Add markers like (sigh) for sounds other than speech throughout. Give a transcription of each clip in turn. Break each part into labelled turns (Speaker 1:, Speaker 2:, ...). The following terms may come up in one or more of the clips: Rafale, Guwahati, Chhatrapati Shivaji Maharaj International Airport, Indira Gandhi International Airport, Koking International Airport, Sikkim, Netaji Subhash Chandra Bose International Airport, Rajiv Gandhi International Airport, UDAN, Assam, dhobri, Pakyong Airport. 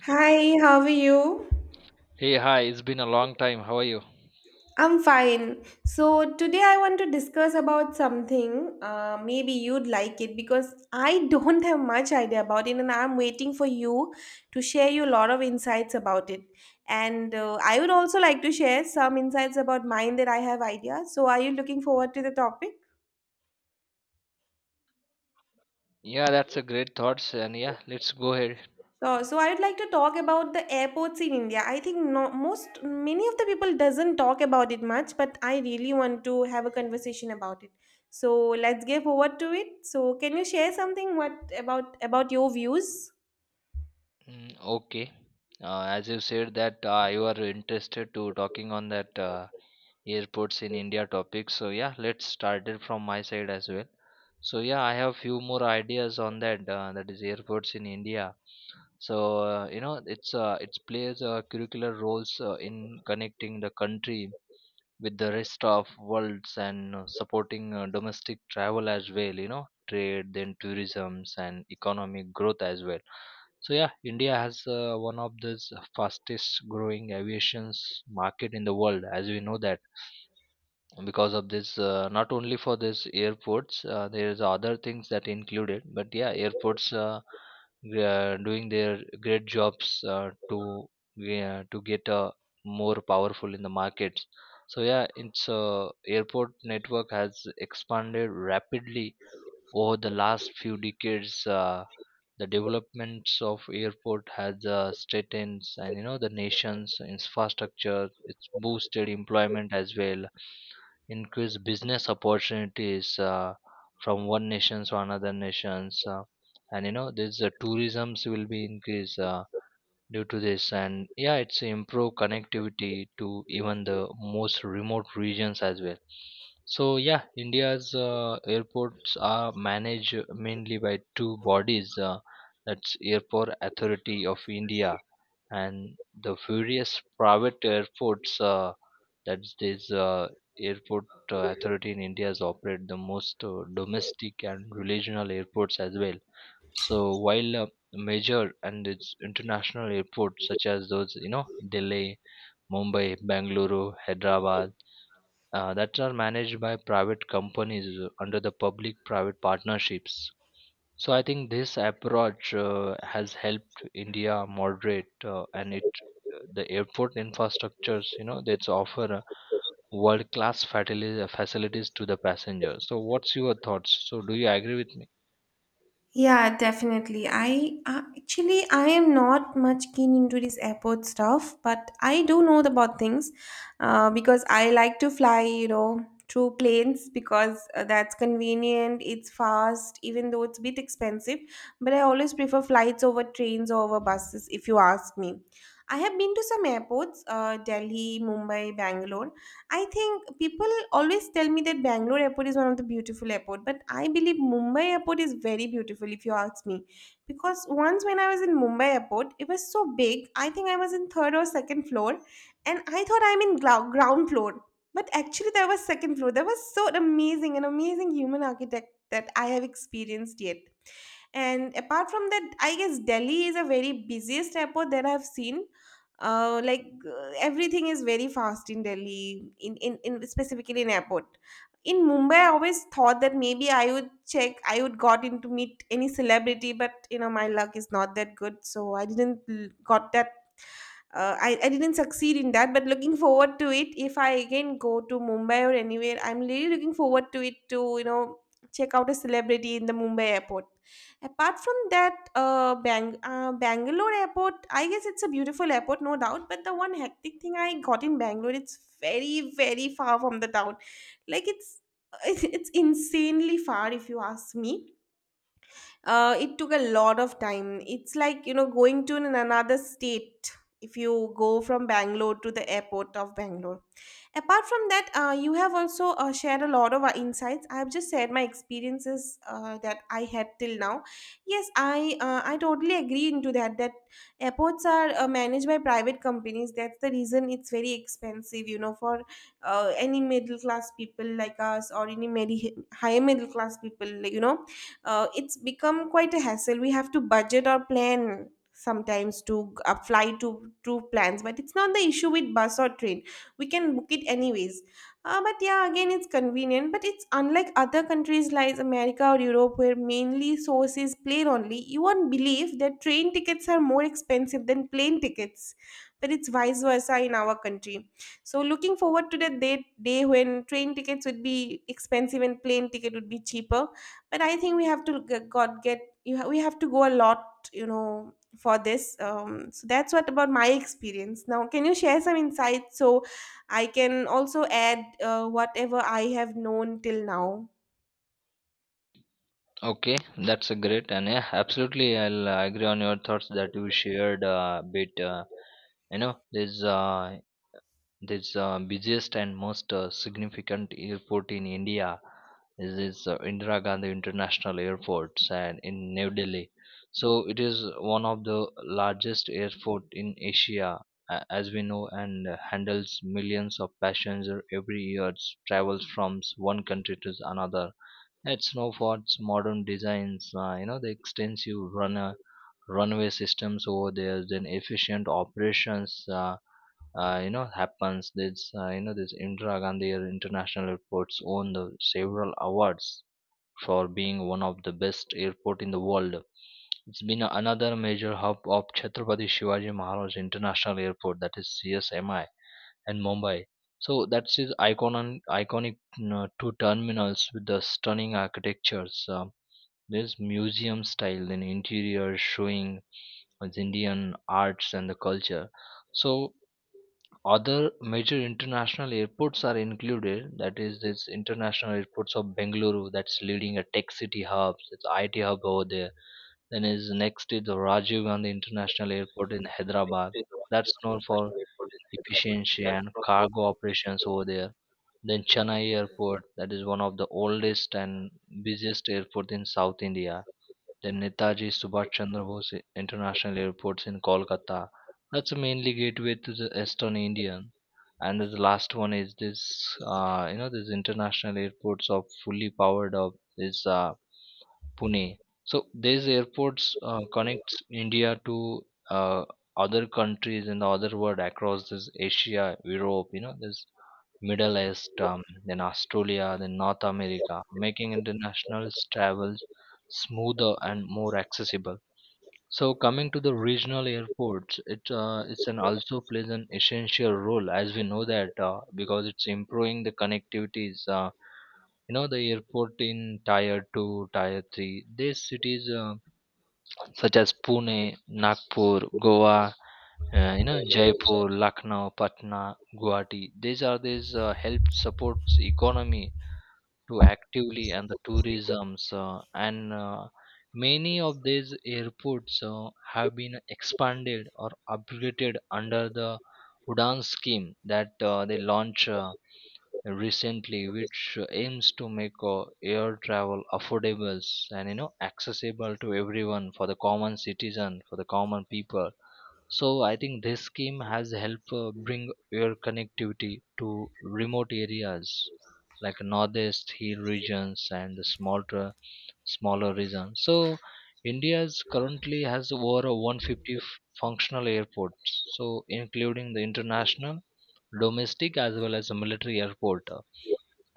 Speaker 1: Hi, how are you?
Speaker 2: Hey, hi, it's been a long time. How are you?
Speaker 1: I'm fine. So today I want to discuss about something. Maybe you'd like it because I (laughs) don't have much idea about it, and I'm waiting for you to share you a lot of insights about it. And I would also like to share some insights about mine that I have idea. So are you looking forward to the topic?
Speaker 2: Yeah, that's a great thoughts and yeah, let's go ahead.
Speaker 1: So I would like to talk about the airports in India. I think no, most many of the people doesn't talk about it much, but I really want to have a conversation about it. So let's give over to it. So can you share something what about your views?
Speaker 2: Mm, okay. As you said that you are interested to talking on that airports in India topic. So yeah, let's start it from my side as well. So yeah, I have few more ideas on that that is airports in India. So it plays curricular roles in connecting the country with the rest of worlds and supporting domestic travel as well, you know, trade, then tourisms and economic growth as well. So yeah, india has one of the fastest growing aviations market in the world, as we know that. Because of this, not only for this airports, there's other things that included, but yeah, airports, doing their great jobs to get more powerful in the markets. So yeah, it's airport network has expanded rapidly over the last few decades. The developments of airport has strengthened, and you know the nation's infrastructure, it's boosted employment as well, increase business opportunities from one nation to another nations, and you know this tourisms will be increased due to this. And yeah, it's improve connectivity to even the most remote regions as well. So yeah, india's airports are managed mainly by two bodies, that's airport authority of india and the various private airports, that's this airport authority in india's operate the most domestic and regional airports as well. So while major and its international airports such as those, you know, delhi, mumbai, bangalore, hyderabad, that are managed by private companies under the public private partnerships. So I think this approach has helped india moderate, and it the airport infrastructures, you know, that's offer world class facilities to the passengers. So what's your thoughts? So do you agree with me?
Speaker 1: Yeah, definitely. I actually I am not much keen into this airport stuff, but I do know about things because I like to fly, you know, through planes because that's convenient, it's fast, even though it's a bit expensive. But I always prefer flights over trains or over buses, if you ask me. I have been to some airports, Delhi, Mumbai, Bangalore, I think people always tell me that Bangalore airport is one of the beautiful airport, but I believe Mumbai airport is very beautiful if you ask me. Because once when I was in Mumbai airport, it was so big. I think I was in third or second floor, and I thought I'm in ground floor, but actually there was second floor. That was so amazing, an amazing human architect that I have experienced yet. And apart from that, I guess Delhi is a very busiest airport that I've seen. Everything is very fast in Delhi, in specifically in airport. In Mumbai, I always thought that maybe I would check, I would got in to meet any celebrity, but you know my luck is not that good, so I didn't got that I didn't succeed in that, but looking forward to it. If I again go to Mumbai or anywhere, I'm really looking forward to it to, you know, check out a celebrity in the Mumbai airport. Apart from that, Bangalore airport, I guess it's a beautiful airport, no doubt, but the one hectic thing I got in Bangalore, it's very very far from the town. Like it's (laughs) it's insanely far if you ask me. It took a lot of time. It's like, you know, going to another state if you go from Bangalore to the airport of Bangalore. Apart from that, you have also shared a lot of insights. I've just shared my experiences that I had till now. Yes, I totally agree into that. That airports are managed by private companies. That's the reason it's very expensive. You know, for any middle class people like us or any higher middle class people, like, you know, it's become quite a hassle. We have to budget or plan sometimes to apply to plans, but it's not the issue with bus or train. We can book it anyways. But yeah, again, it's convenient, but it's unlike other countries like America or Europe, where mainly source is plane only. You won't believe that train tickets are more expensive than plane tickets, but it's vice versa in our country. So looking forward to the day when train tickets would be expensive and plane ticket would be cheaper, but I think we have to g- god get you ha- we have to go a lot, you know, for this so that's what about my experience. Now can you share some insights so I can also add whatever I have known till now?
Speaker 2: Okay, that's a great, and yeah, absolutely. I'll agree on your thoughts that you shared a bit. You know, this uh, this busiest and most significant airport in India is this Indira Gandhi International Airport and in New Delhi. So it is one of the largest airport in Asia, as we know, and handles millions of passengers every year. Travels from one country to another at Snowfort's modern designs, you know, the extensive runner runway systems over there, then efficient operations, you know, happens. This, you know, this Indira Gandhi International Airport's won the several awards for being one of the best airport in the world. It's been another major hub of Chhatrapati Shivaji Maharaj International Airport, that is CSMI, and Mumbai. So that's his iconic two terminals with the stunning architectures. This museum style and interior showing as Indian arts and the culture. So other major international airports are included. That is this international airports of Bengaluru, that's leading a tech city hub. It's IT hub over there. Then is next is the Rajiv Gandhi International Airport in Hyderabad. That's known for efficiency and cargo operations over there. Then Chennai Airport, that is one of the oldest and busiest airport in South India. Then Netaji Subhash Chandra Bose International Airports in Kolkata. That's mainly gateway to the Eastern Indian. And the last one is this, you know, this international airports are fully powered up. Is Pune. So these airports connects India to uh, other countries in the other world across this Asia, Europe, you know, this Middle East, then Australia, then North America, making international travels smoother and more accessible. So coming to the regional airports, it it's an also plays an essential role, as we know that, because it's improving the connectivities. You know, the airport in tier 2, tier 3, these cities, such as pune, nagpur, goa, you know, jaipur, lucknow, patna, guwahati, these are these help supports economy to actively and the tourisms, and many of these airports have been expanded or upgraded under the udan scheme that they launch recently, which aims to make air travel affordable and, you know, accessible to everyone, for the common citizen, for the common people. So I think this scheme has helped bring air connectivity to remote areas like northeast hill regions and the smaller regions. So india's currently has over 150 functional airports, so including the international, domestic as well as the military airport.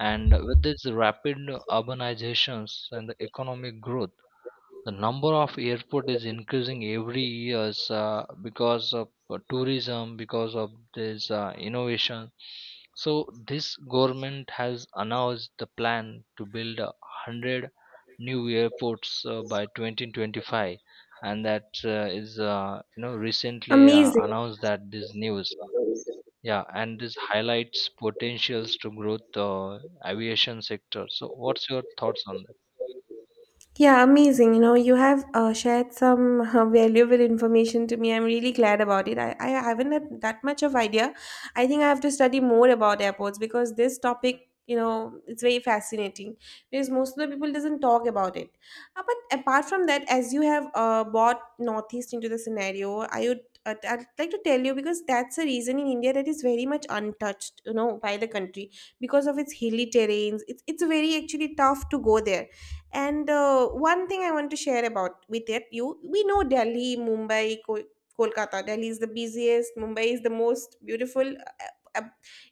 Speaker 2: And with this rapid urbanizations and the economic growth, the number of airport is increasing every years, because of tourism, because of this innovation. So this government has announced the plan to build a 100 new airports by 2025, and that is you know, recently
Speaker 1: Amazing.
Speaker 2: announced that this news. Yeah, and this highlights potentials to growth aviation sector. So, what's your thoughts on that?
Speaker 1: Yeah, amazing. You know, you have shared some (laughs) valuable information to me. I'm really glad about it. I haven't had that much of idea. I think I have to study more about airports because this topic, you know, it's very fascinating because most of the people doesn't talk about it. But apart from that, as you have brought Northeast into the scenario, I'd like to tell you because that's a reason in India that is very much untouched, you know, by the country because of its hilly terrains. It's very actually tough to go there. And One thing I want to share about with it, you we know Delhi, Mumbai, Kolkata. Delhi is the busiest. Mumbai is the most beautiful. Uh,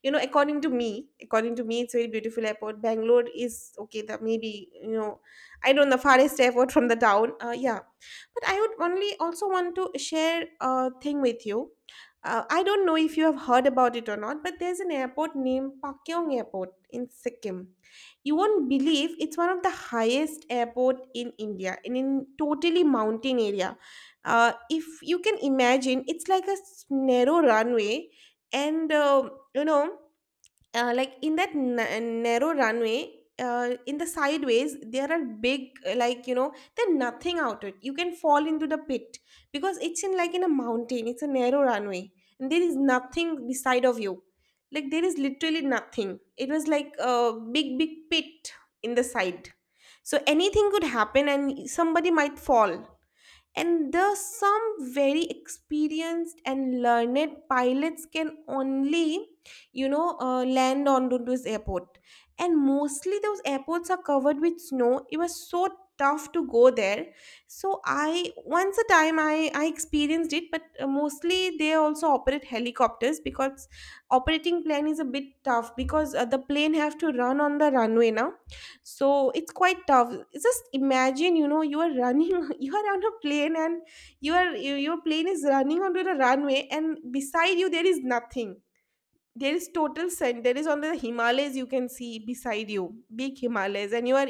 Speaker 1: you know, according to me, it's a very beautiful airport. Bangalore is okay. That maybe, you know, I don't know, the farthest airport from the town. Yeah, but I would only also want to share a thing with you. I don't know if you have heard about it or not, but there's an airport named Pakyong Airport in Sikkim. You won't believe it's one of the highest airport in India and in totally mountain area. If you can imagine, it's like a narrow runway and, you know, like in that narrow runway, in the sideways there are big, like, you know, there's nothing out it, you can fall into the pit because it's in like in a mountain, it's a narrow runway and there is nothing beside of you, like there is literally nothing. It was like a big big pit in the side. So anything could happen and somebody might fall, and thus some very experienced and learned pilots can only, you know, land on to this airport. And mostly those airports are covered with snow. It was so tough to go there. So I once a time I experienced it, but mostly they also operate helicopters because operating plane is a bit tough, because the plane have to run on the runway now. So it's quite tough. Just imagine, you know, you are running (laughs) you are on a plane and your plane is running onto the runway and beside you there is nothing. There is total sun, there is only the Himalayas you can see beside you. Big Himalayas, and you are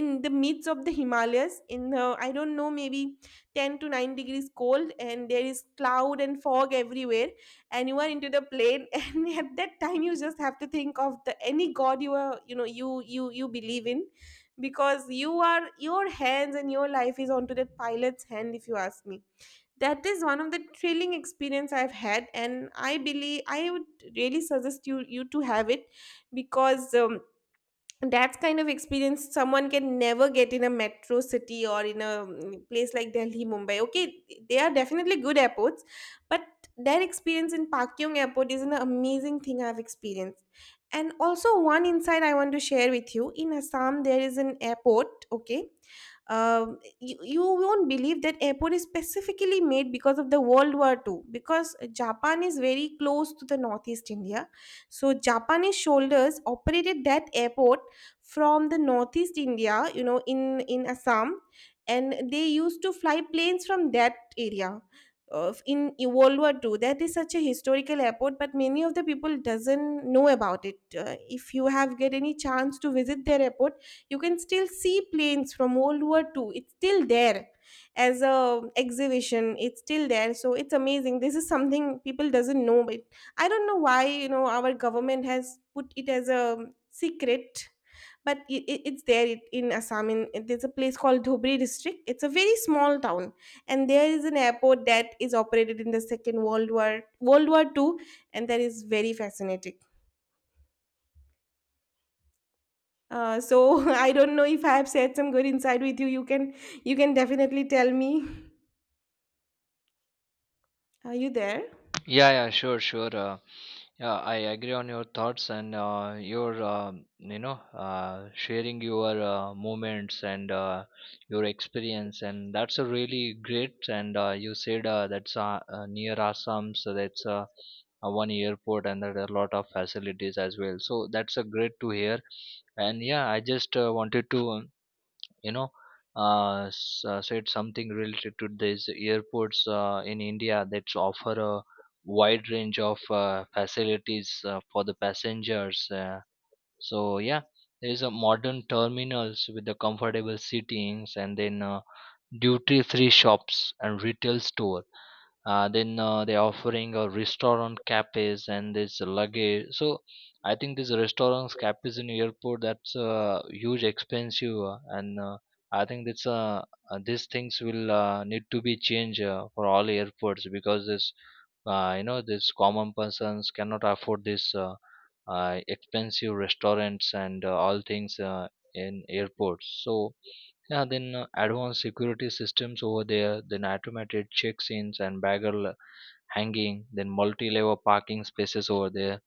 Speaker 1: in the midst of the Himalayas in the, I don't know, maybe 10 to 9 degrees cold, and there is cloud and fog everywhere. And you are into the plane (laughs) and at that time you just have to think of the any god you are, you know, you believe in, because you are, your hands and your life is onto that pilot's hand, if you ask me. That is one of the thrilling experience I've had, and I believe I would really suggest you to have it. Because that's kind of experience someone can never get in a metro city or in a place like Delhi, Mumbai. Okay, they are definitely good airports, but that experience in Pak Yong Airport is an amazing thing I've experienced. And also, one insight I want to share with you: in Assam, there is an airport, okay, you won't believe that airport is specifically made because of the World War Two. Because Japan is very close to the Northeast India, so Japanese shoulders operated that airport from the Northeast India, you know, in Assam, and they used to fly planes from that area of in World War Two. That is such a historical airport, but many of the people doesn't know about it. If you have get any chance to visit their airport, you can still see planes from World War Two. It's still there as a exhibition. It's still there. So it's amazing. This is something people doesn't know. But I don't know why, you know, our government has put it as a secret, but it's there. In Assam, there's a place called Dhobri district. It's a very small town, and there is an airport that is operated in the Second World War, World War Two, and that is very fascinating. So (laughs) I don't know if I have said some good insight with you. You can, you can definitely tell me. Are you there?
Speaker 2: Yeah, yeah, sure, sure. Yeah, I agree on your thoughts and um, you know, sharing your moments and your experience, and that's a really great. And you said that's near Assam, so that's one airport, and there are a lot of facilities as well. So that's a great to hear. And yeah, I just wanted to. You know, said something related to this airports in India, that offer a wide range of facilities for the passengers. So yeah, there is a modern terminals with the comfortable seatings, and then duty-free shops and retail store, then they're offering a restaurant cafes and this luggage. So I think these restaurants cafes in airport, that's huge expensive, and I think that's these things will need to be changed for all airports, because this you know, this common persons cannot afford this expensive restaurants and all things in airports. So yeah, then advanced security systems over there, then automated check-ins and bagel hanging, then multi-level parking spaces over there,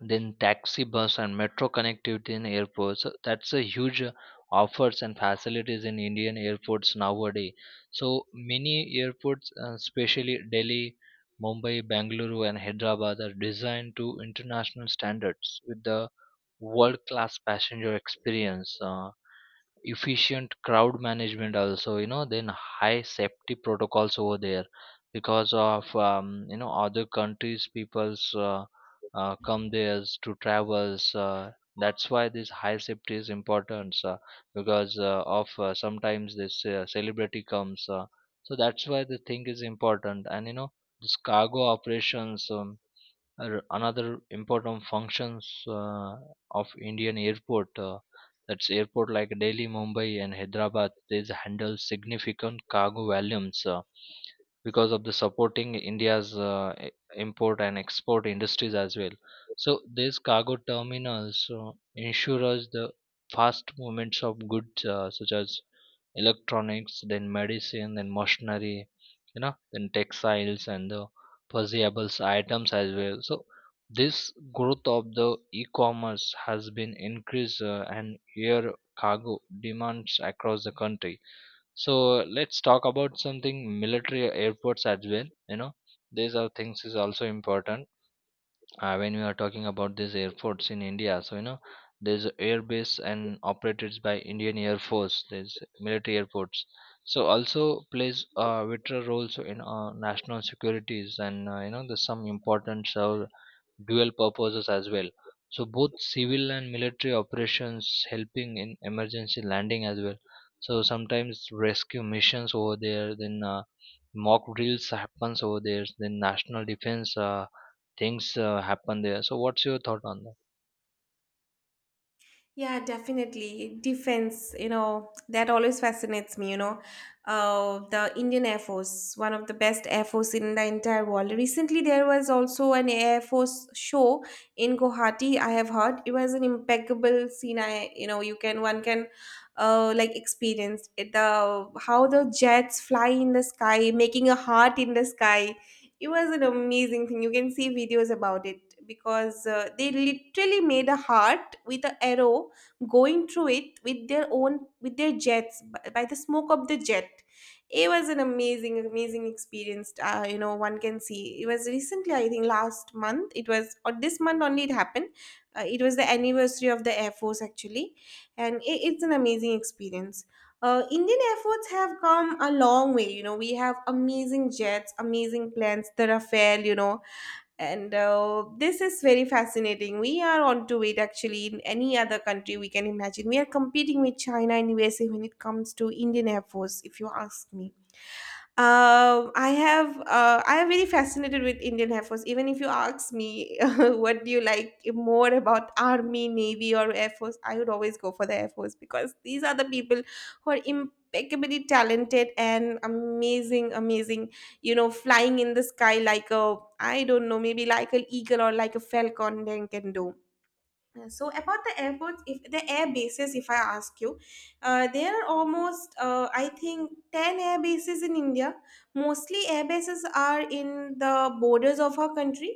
Speaker 2: then taxi bus and metro connectivity in airports. So that's a huge offers and facilities in Indian airports nowadays. So many airports, especially Delhi, Mumbai, Bangalore, and Hyderabad, are designed to international standards with the world-class passenger experience. Efficient crowd management also, you know, then high safety protocols over there, because of, you know, other countries people's come there to travels, that's why this high safety is important, because of sometimes this celebrity comes. So that's why the thing is important. And you know, this cargo operations, another important functions of Indian airport, that's airport like Delhi, Mumbai, and Hyderabad. These handle significant cargo volumes because of the supporting India's import and export industries as well. So these cargo terminals ensure us the fast movements of goods such as electronics, then medicine, then machinery, you know, then textiles and the perishable items as well. So this growth of the e-commerce has been increased, and here cargo demands across the country. So let's talk about something military airports as well. You know, these are things is also important when we are talking about these airports in India. So you know, there's a air base and operated by Indian Air Force. There's military airports. So also plays a vital role so in national securities and, you know, there's some importance, dual purposes as well. So both civil and military operations helping in emergency landing as well. So sometimes rescue missions over there, then mock drills happens over there, then national defense things happen there. So what's your thought on that?
Speaker 1: Yeah, definitely. Defense, you know, that always fascinates me, you know. The Indian Air Force, one of the best Air Force in the entire world. Recently, there was also an Air Force show in Guwahati, I have heard. It was an impeccable scene. I, you know, you can, one can, like experience it. How the jets fly in the sky, making a heart in the sky, it was an amazing thing. You can see videos about it because they literally made a heart with an arrow going through it with their own, with their jets, by the smoke of the jet. It was an amazing, amazing experience. One can see it was recently, I think, last month. It was or this month only. It happened. It was the anniversary of the Air Force actually, and it's an amazing experience. Indian efforts have come a long way. You know, we have amazing jets, amazing planes, the Rafale, and this is very fascinating. We are onto it actually in any other country we can imagine. We are competing with China and USA when it comes to Indian Air Force, if you ask me. I have I am very fascinated with Indian Air Force. Even if you ask me (laughs) what do you like more about Army, Navy, or Air Force, I would always go for the Air Force because these are the people who are impeccably talented and amazing, amazing. You know, flying in the sky like a I don't know, maybe like an eagle or like a falcon. They can do. So about the airports if the air bases if I ask you there are almost I think 10 air bases in India. Mostly air bases are in the borders of our country.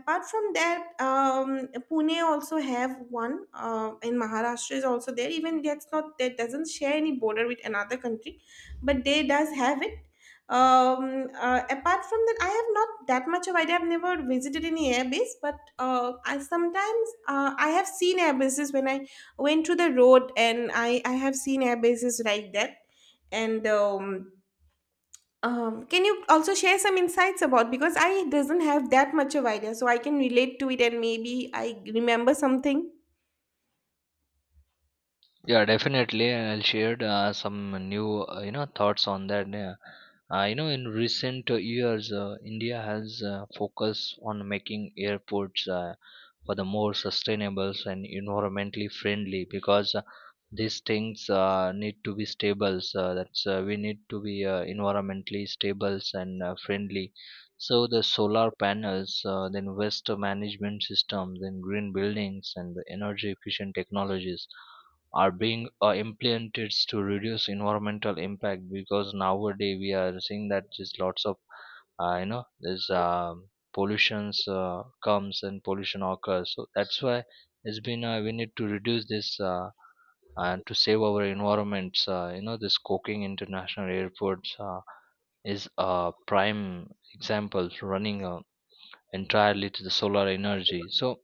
Speaker 1: Apart from that, Pune also have one in Maharashtra is also there, even that's not, that doesn't share any border with another country, but they does have it. Apart from that, I have not that much of idea. I've never visited any airbase, but I sometimes I have seen airbases when I went to the road, and I have seen airbases like that. And can you also share some insights about, because I doesn't have that much of idea, so I can relate to it and maybe I remember something.
Speaker 2: Yeah, definitely. And I'll share some new, you know, thoughts on that. Yeah. You know, in recent years, India has focused on making airports for the more sustainable and environmentally friendly, because these things need to be stable. So that's we need to be environmentally stable and friendly. So the solar panels, then waste management systems, then green buildings, and the energy efficient technologies are being implemented to reduce environmental impact, because nowadays we are seeing that there's lots of, you know, there's, pollutions comes and pollution occurs. So that's why it's been we need to reduce this, and to save our environments. You know, this Koking international Airport is a prime example, running entirely to the solar energy. So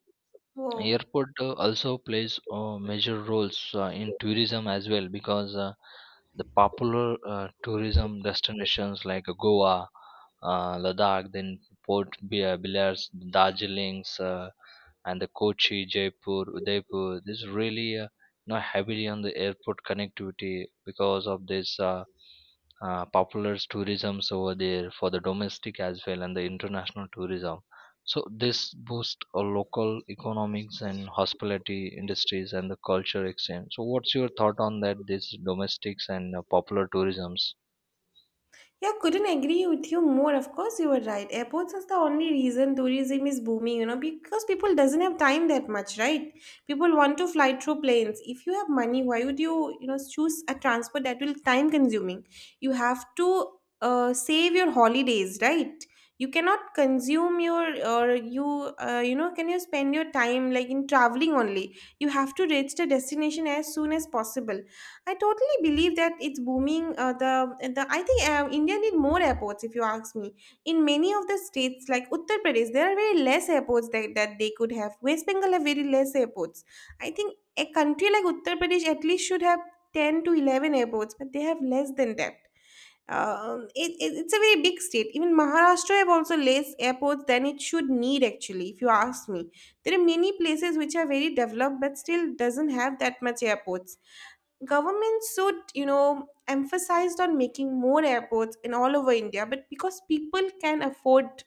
Speaker 1: Whoa.
Speaker 2: airport also plays major roles in tourism as well, because the popular tourism destinations like Goa, Ladakh, then Port Blair, Darjeeling's, and the Kochi, Jaipur, Udaipur. This really, you know, heavily on the airport connectivity because of this. Popular tourisms over there for the domestic as well and the international tourism. So this boosts local economics and hospitality industries and the culture exchange. So what's your thought on that? This domestics and popular tourisms.
Speaker 1: Yeah, couldn't agree with you more. Of course, you were right. Airports is the only reason tourism is booming, you know, because people doesn't have time that much, right? People want to fly through planes. If you have money, why would you, you know, choose a transport that will time consuming? You have to save your holidays, right? You cannot consume your or you you know can you spend your time like in traveling only. You have to reach the destination as soon as possible. I totally believe that it's booming. The I think India need more airports. If you ask me, in many of the states like Uttar Pradesh, there are very less airports that they could have. West Bengal have very less airports. I think a country like Uttar Pradesh at least should have 10 to 11 airports, but they have less than that. It's a very big state. Even Maharashtra have also less airports than it should need. Actually, if you ask me, there are many places which are very developed but still doesn't have that much airports. Governments should, you know, emphasized on making more airports in all over India, but because people can afford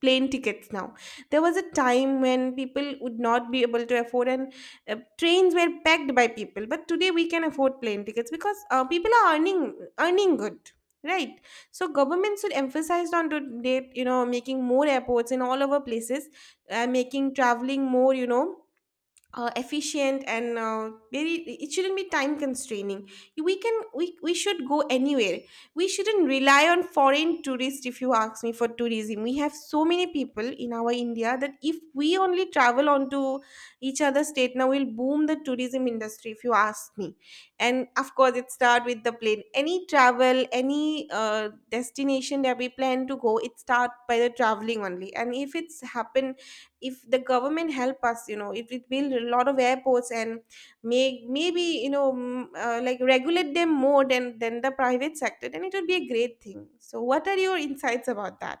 Speaker 1: plane tickets now. There was a time when people would not be able to afford, and trains were packed by people, but today we can afford plane tickets because people are earning good, right? So government should emphasize on today, you know, making more airports in all over places, making traveling more, you know, efficient and very, it shouldn't be time constraining. We should go anywhere. We shouldn't rely on foreign tourists if you ask me. For tourism, we have so many people in our India that if we only travel onto each other state, now we'll boom the tourism industry, if you ask me. And of course, it start with the plane. Any travel, any destination that we plan to go, it start by the traveling only. And if it's happen, if the government help us, you know, if it build a lot of airports and make, maybe, like regulate them more than the private sector, then it would be a great thing. So what are your insights about that?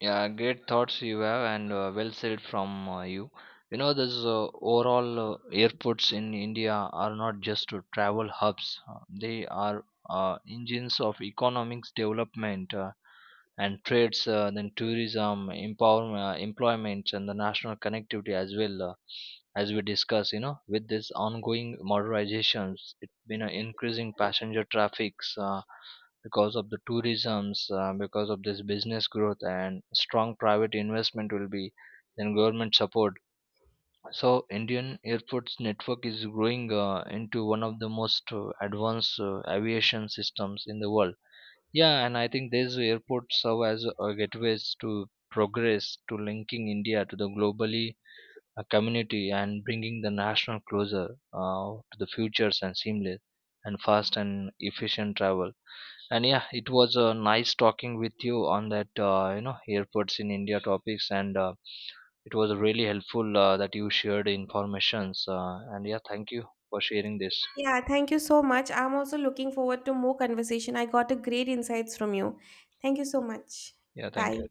Speaker 2: Yeah, great thoughts you have, and well said from you. You know, this overall airports in India are not just travel hubs; they are engines of economics development, and trades, then tourism, empowerment, employment, and the national connectivity as well. As we discuss, you know, with this ongoing modernizations, it's been an increasing passenger traffics. Because of the tourisms, because of this business growth and strong private investment will be, then government support. So indian airports network is growing into one of the most advanced aviation systems in the world. Yeah, and I think these airports serve as gateways to progress, to linking india to the globally community, and bringing the national closer to the futures and seamless and fast and efficient travel. And yeah, it was nice talking with you on that you know, airports in india topics, and it was really helpful that you shared informations, and yeah, thank you for sharing this.
Speaker 1: Yeah, thank you so much. I'm also looking forward to more conversation. I got a great insights from you. Thank you so much.
Speaker 2: Yeah,
Speaker 1: Bye.
Speaker 2: thank you.